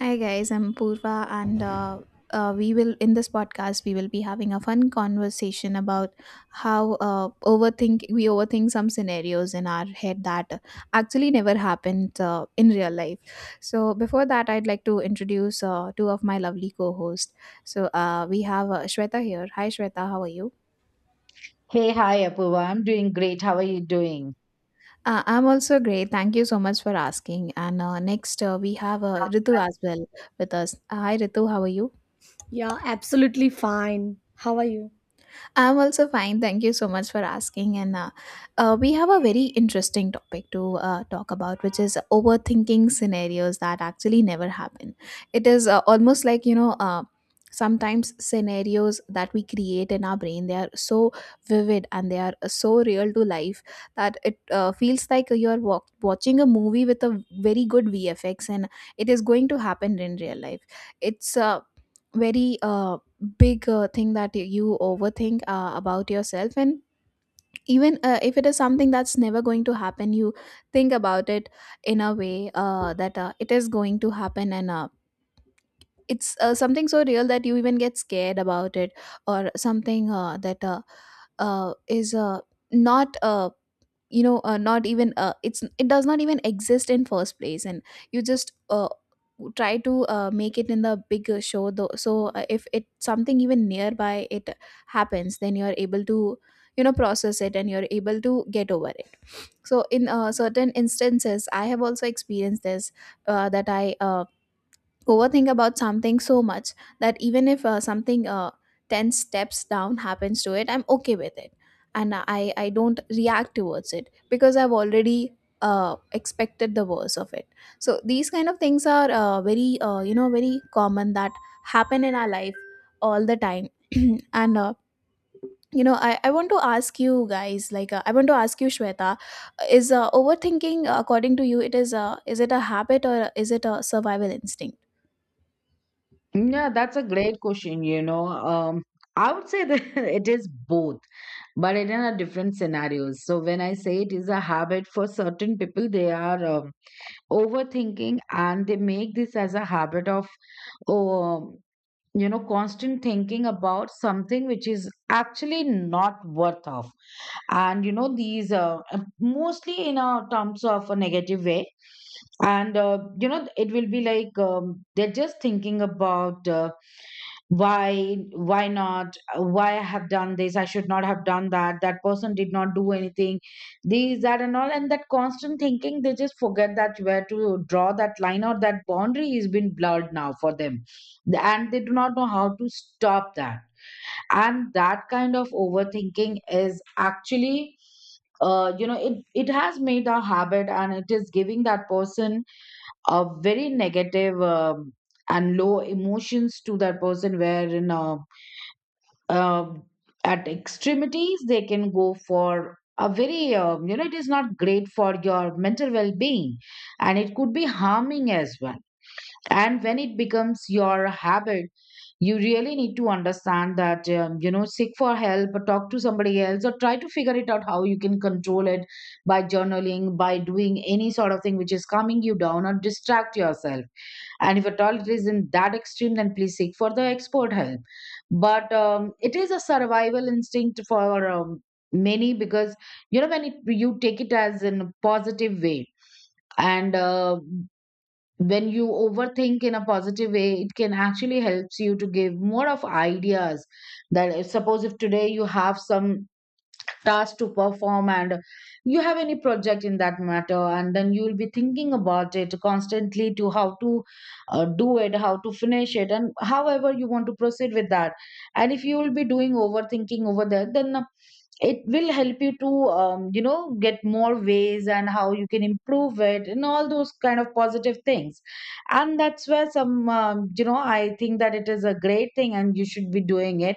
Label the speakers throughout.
Speaker 1: Hi guys, I'm Purva, and we will in this podcast we will be having a fun conversation about how overthink we overthink some scenarios in our head that actually never happened in real life. So before that, I'd like to introduce two of my lovely co-hosts. So we have Shweta here. Hi Shweta, how are you?
Speaker 2: Hey, hi, Apurva. I'm doing great. How are you doing?
Speaker 1: I'm also great. Thank you so much for asking. And next, we have Ritu as well with us. Hi Ritu, how are you?
Speaker 3: Yeah, absolutely fine. How are you?
Speaker 1: I'm also fine. Thank you so much for asking. And we have a very interesting topic to talk about, which is overthinking scenarios that actually never happen. It is almost like, you know, sometimes scenarios that we create in our brain, they are so vivid and they are so real to life that it feels like you are watching a movie with a very good vfx and it is going to happen in real life. It's very big thing that you overthink about yourself. And even if it is something that's never going to happen, you think about it in a way that it is going to happen. And uh, it's uh, something so real that you even get scared about it. Or something that is not you know, not even it's, it does not even exist in first place, and you just try to make it in the bigger show though. So if it something even nearby it happens, then you're able to, you know, process it and you're able to get over it. So in certain instances, I have also experienced this, that I overthink about something so much that even if something 10 steps down happens to it, I'm okay with it. And I don't react towards it because I've already expected the worst of it. So these kind of things are very, you know, very common that happen in our life all the time. And you know, I want to ask you guys, like, I want to ask you Shweta, is overthinking, according to you, it is it a habit or is it a survival instinct?
Speaker 2: Yeah, that's a great question, you know. I would say that it is both, but it in a different scenarios. So when I say it is a habit for certain people, they are overthinking and they make this as a habit of, um, you know, constant thinking about something which is actually not worth of. And you know these mostly in a terms of a negative way and you know it will be like they're just thinking about why not. Why I have done this, I should not have done that, that person did not do anything. This, that and all, and that constant thinking they just forget that where to draw that line or that boundary is been blurred now for them, and they do not know how to stop that. And that kind of overthinking is actually you know it has made a habit and it is giving that person a very negative and low emotions to that person wherein uh, at extremities they can go for a very you know it is not great for your mental well-being and it could be harming as well. And when it becomes your habit, you really need to understand that you know, seek for help or talk to somebody else or try to figure it out how you can control it by journaling, by doing any sort of thing which is calming you down or distract yourself. And if at all it isn't that extreme, then please seek for the expert help. But it is a survival instinct for many, because you know when it, you take it as in a positive way. And when you overthink in a positive way it can actually helps you to give more of ideas, that if, suppose if today you have some task to perform, and you have any project in that matter, and then you will be thinking about it constantly to how to do it, how to finish it and however you want to proceed with that. And if you will be doing overthinking over there, then it will help you to you know get more ways and how you can improve it and all those kind of positive things. And that's where some you know I think that it is a great thing and you should be doing it.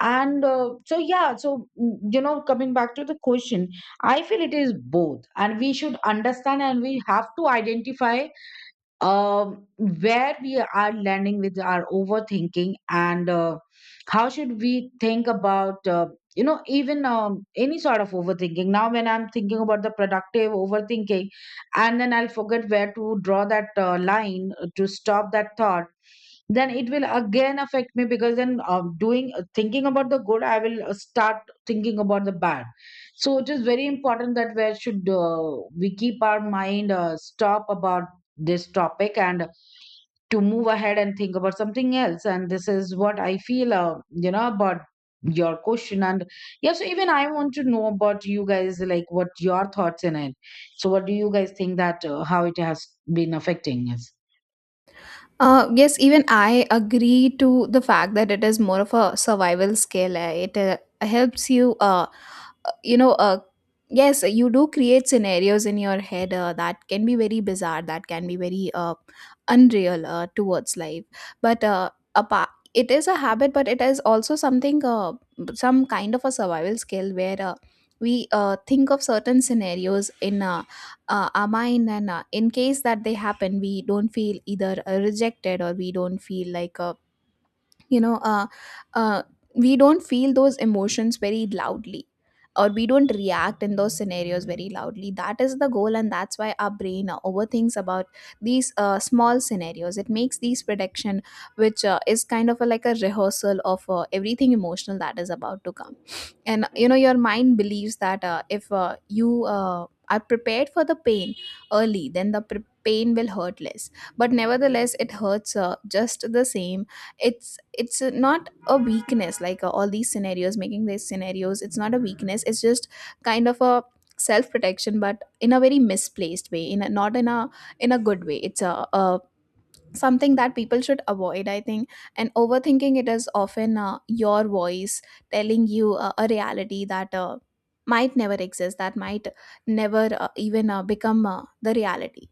Speaker 2: And so yeah, so you know, coming back to the question, I feel it is both, and we should understand and we have to identify where we are landing with our overthinking. And how should we think about you know, even any sort of overthinking. Now when I'm thinking about the productive overthinking and then I'll forget where to draw that line to stop that thought, then it will again affect me, because then doing thinking about the good, I will start thinking about the bad. So it is very important that we should we keep our mind stop about this topic and to move ahead and think about something else. And this is what I feel you know, about your question. And yeah, so even I want to know about you guys, like, what your thoughts in it. So what do you guys think that how it has been affecting us?
Speaker 1: Yes, even I agree to the fact that it is more of a survival skill. Eh. It helps you you know Yes, you do create scenarios in your head that can be very bizarre, that can be very unreal towards life. But apart, it is a habit, but it is also something, some kind of a survival skill where we think of certain scenarios in our mind. And in case that they happen, we don't feel either rejected, or we don't feel like, you know uh, we don't feel those emotions very loudly, or we don't react in those scenarios very loudly. That is the goal, and that's why our brain overthinks about these small scenarios. It makes these prediction, which is kind of a, like a rehearsal of everything emotional that is about to come. And you know, your mind believes that if you are prepared for the pain early, then the pain will hurt less. But nevertheless, it hurts just the same. It's not a weakness, like all these scenarios, making these scenarios, it's not a weakness. It's just kind of a self protection, but in a very misplaced way, in a, not in a, in a good way. It's a something that people should avoid, I think. And overthinking, it is often your voice telling you a reality that might never exist, that might never even become the reality.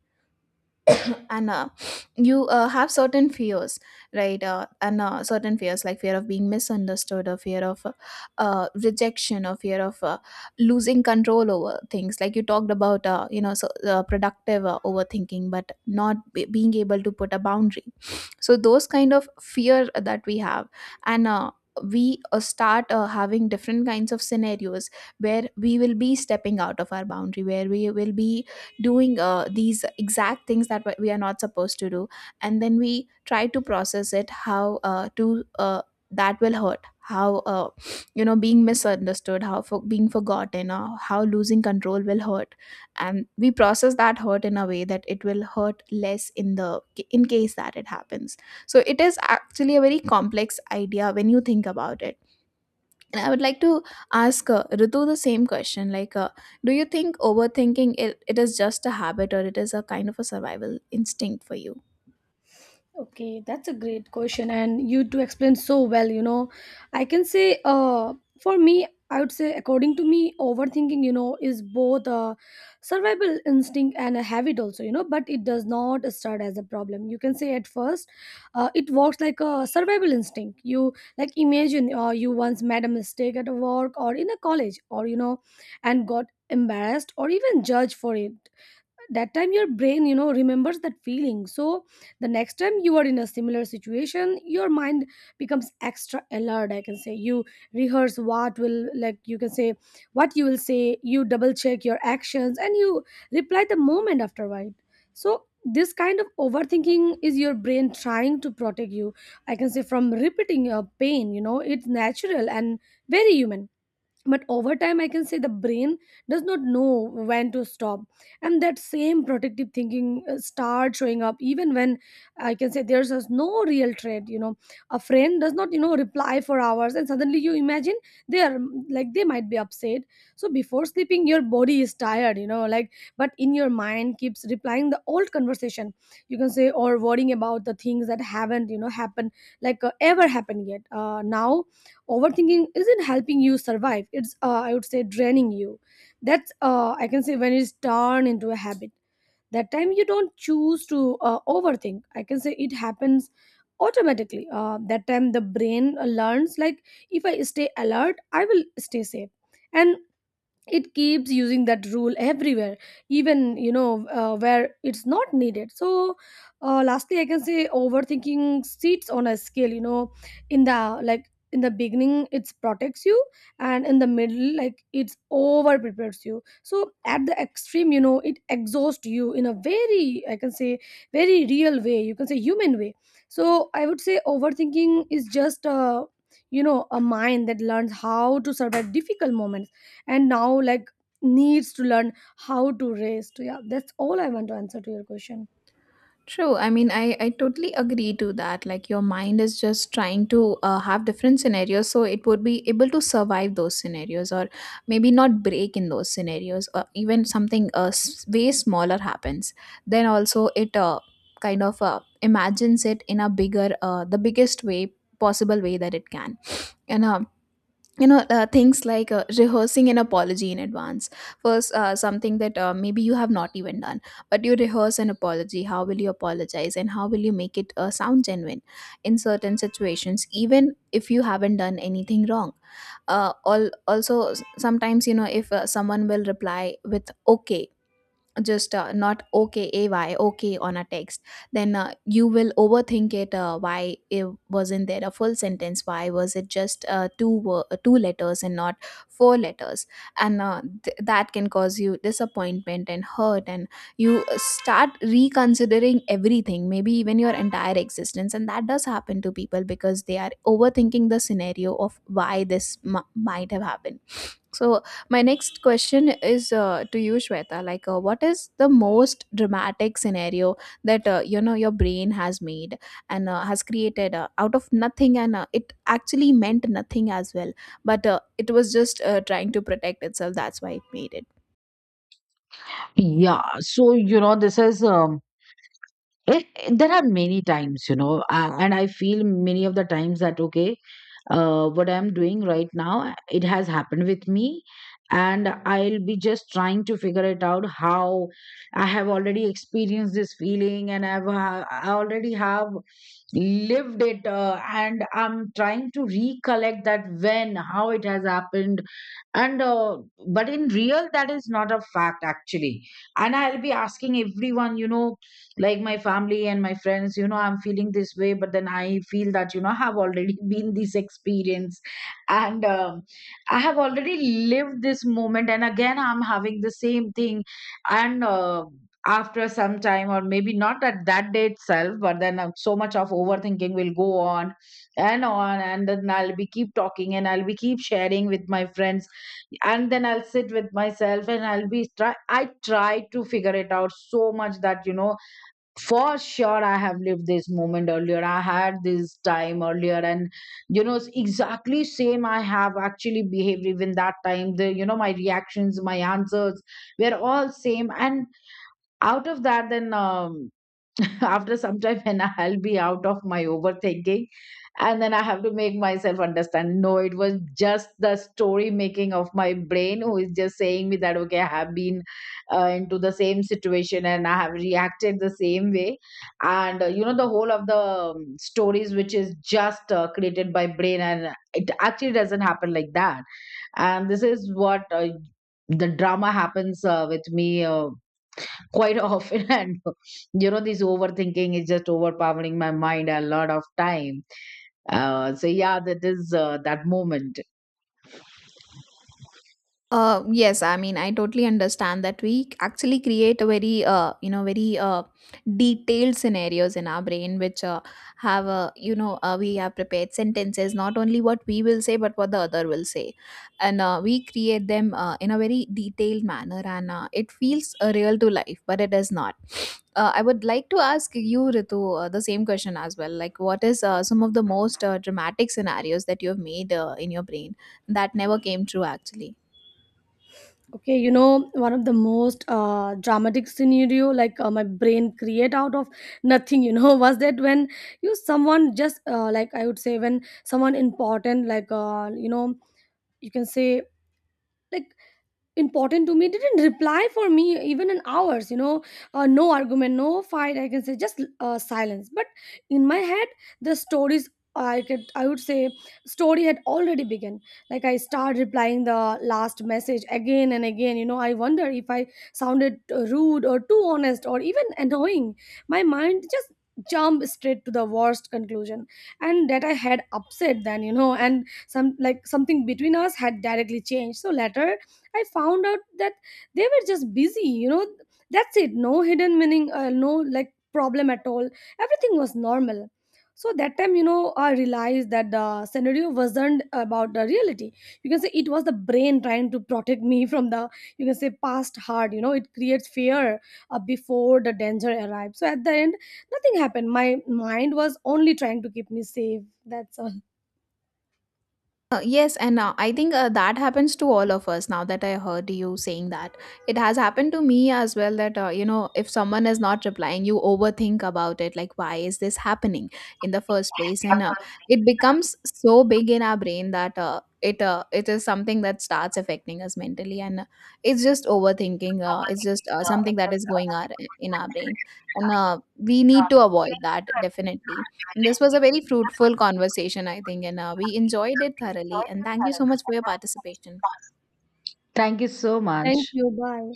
Speaker 1: And you have certain fears, right? And certain fears like fear of being misunderstood, or fear of rejection, or fear of losing control over things, like you talked about, you know, so, productive overthinking but not being able to put a boundary. So those kind of fear that we have, and we start having different kinds of scenarios where we will be stepping out of our boundary, where we will be doing these exact things that we are not supposed to do. And then we try to process it, how to that will hurt, how you know, being misunderstood, how for being forgotten, or how losing control will hurt. And we process that hurt in a way that it will hurt less in the, in case that it happens. So it is actually a very complex idea when you think about it. I would like to ask Ritu the same question. Like, do you think overthinking, it is just a habit, or it is a kind of a survival instinct for you?
Speaker 3: Okay, that's a great question, and you two explain so well. You know, I can say, for me, I would say, according to me, overthinking, you know, is both a survival instinct and a habit, also, you know, but it does not start as a problem. You can say at first, it works like a survival instinct. You like imagine, you once made a mistake at work or in a college, or you know, and got embarrassed or even judged for it. That time your brain, you know, remembers that feeling. So the next time you are in a similar situation, your mind becomes extra alert, I can say. You rehearse what will, like, you can say, what you will say. You double check your actions and you reply the moment afterward. So this kind of overthinking is your brain trying to protect you, I can say, from repeating your pain. You know, it's natural and very human. But over time, I can say, the brain does not know when to stop, and that same protective thinking start showing up even when, I can say, there's just no real threat. You know, a friend does not, you know, reply for hours, and suddenly you imagine they are like, they might be upset. So before sleeping, your body is tired, you know, like, but in your mind keeps replying the old conversation, you can say, or worrying about the things that haven't, you know, happened, like, ever happened yet. Now overthinking isn't helping you survive, it's, I would say, draining you. That's, I can say, when it's turned into a habit. That time you don't choose to overthink, I can say, it happens automatically. That time the brain learns, like, if I stay alert, I will stay safe, and it keeps using that rule everywhere, even, you know, where it's not needed. So lastly, I can say, overthinking sits on a scale, you know. In the, like, in the beginning it protects you, and in the middle, like, it's over prepares you, so at the extreme, you know, it exhausts you in a very, I can say, very real way, you can say, human way. So I would say overthinking is just a, you know, a mind that learns how to survive difficult moments, and now, like, needs to learn how to rest. Yeah, that's all I want to answer to your question.
Speaker 1: True. I mean, I totally agree to that. Like, your mind is just trying to have different scenarios, so it would be able to survive those scenarios, or maybe not break in those scenarios, or even something way smaller happens. Then also, it kind of imagines it in a bigger, the biggest way possible way that it can. And you know, things like rehearsing an apology in advance first, something that maybe you have not even done, but you rehearse an apology, how will you apologize and how will you make it sound genuine in certain situations, even if you haven't done anything wrong. Also, sometimes, you know, if someone will reply with okay, just not okay, ay okay on a text, then you will overthink it, why it wasn't there a full sentence, why was it just two letters and not four letters. And that can cause you disappointment and hurt, and you start reconsidering everything, maybe even your entire existence. And that does happen to people because they are overthinking the scenario of why this might have happened. So my next question is to you, Shweta. Like, what is the most dramatic scenario that, you know, your brain has made and has created out of nothing, and it actually meant nothing as well, but it was just trying to protect itself. That's why it made it.
Speaker 2: Yeah, so you know, this is there are many times, you know and I feel many of the times that okay, what I'm doing right now, it has happened with me, and I'll be just trying to figure it out how I have already experienced this feeling. And I already have lived it, and I'm trying to recollect that when how it has happened. And but in real that is not a fact actually. And I'll be asking everyone, you know, like my family and my friends, you know I'm feeling this way, but then I feel that you know I have already been this experience. And I have already lived this moment and again I'm having the same thing. And after some time, or maybe not at that day itself, but then so much of overthinking will go on and on, and then I'll be keep talking, and I'll be keep sharing with my friends, and then I'll sit with myself and I try to figure it out so much that you know for sure I have lived this moment earlier, I had this time earlier. And you know it's exactly same, I have actually behaved even that time, the you know my reactions, my answers were all same. And out of that then after some time when I'll be out of my overthinking, and then I have to make myself understand no, it was just the story making of my brain who is just saying me that okay I have been into the same situation and I have reacted the same way. And you know the whole of the stories which is just created by brain, and it actually doesn't happen like that. And this is what the drama happens with me quite often and you know this overthinking is just overpowering my mind a lot of time. So yeah, that is that moment.
Speaker 1: Yes, I mean, I totally understand that we actually create a very, you know, very detailed scenarios in our brain, which have a, you know, we have prepared sentences, not only what we will say, but what the other will say. And we create them in a very detailed manner, and it feels real to life, but it is not. I would like to ask you, Ritu, the same question as well. Like, what is some of the most dramatic scenarios that you have made in your brain that never came true, actually?
Speaker 3: Okay, you know, one of the most dramatic scenario, like, my brain create out of nothing, you know, was that when you someone just like, I would say, when someone important, like, you know, you can say, like, important to me didn't reply for me even in hours, you know. No argument, no fight, I can say, just silence. But in my head, the stories, I could, I would say, story had already begun. Like, I start replying the last message again and again. You know, I wonder if I sounded rude or too honest or even annoying. My mind just jumped straight to the worst conclusion, and that I had upset then, you know, and some, like, something between us had directly changed. So later I found out that they were just busy, you know. That's it. No hidden meaning, no, like, problem at all. Everything was normal. So that time, you know, I realized that the scenario wasn't about the reality. You can say it was the brain trying to protect me from the, you can say, past hard. You know, it creates fear before the danger arrives. So at the end, nothing happened. My mind was only trying to keep me safe. That's all.
Speaker 1: Yes, and I think that happens to all of us, now that I heard you saying that. It has happened to me as well that, you know, if someone is not replying, you overthink about it. Like, why is this happening in the first place? And it becomes so big in our brain that it is something that starts affecting us mentally. And it's just overthinking. It's just something that is going on in our brain. And we need to avoid that, definitely. This was a very fruitful conversation, I think, and we enjoyed it thoroughly. And thank you so much for your participation.
Speaker 2: Thank you so
Speaker 3: Thank
Speaker 2: much.
Speaker 3: you. Bye.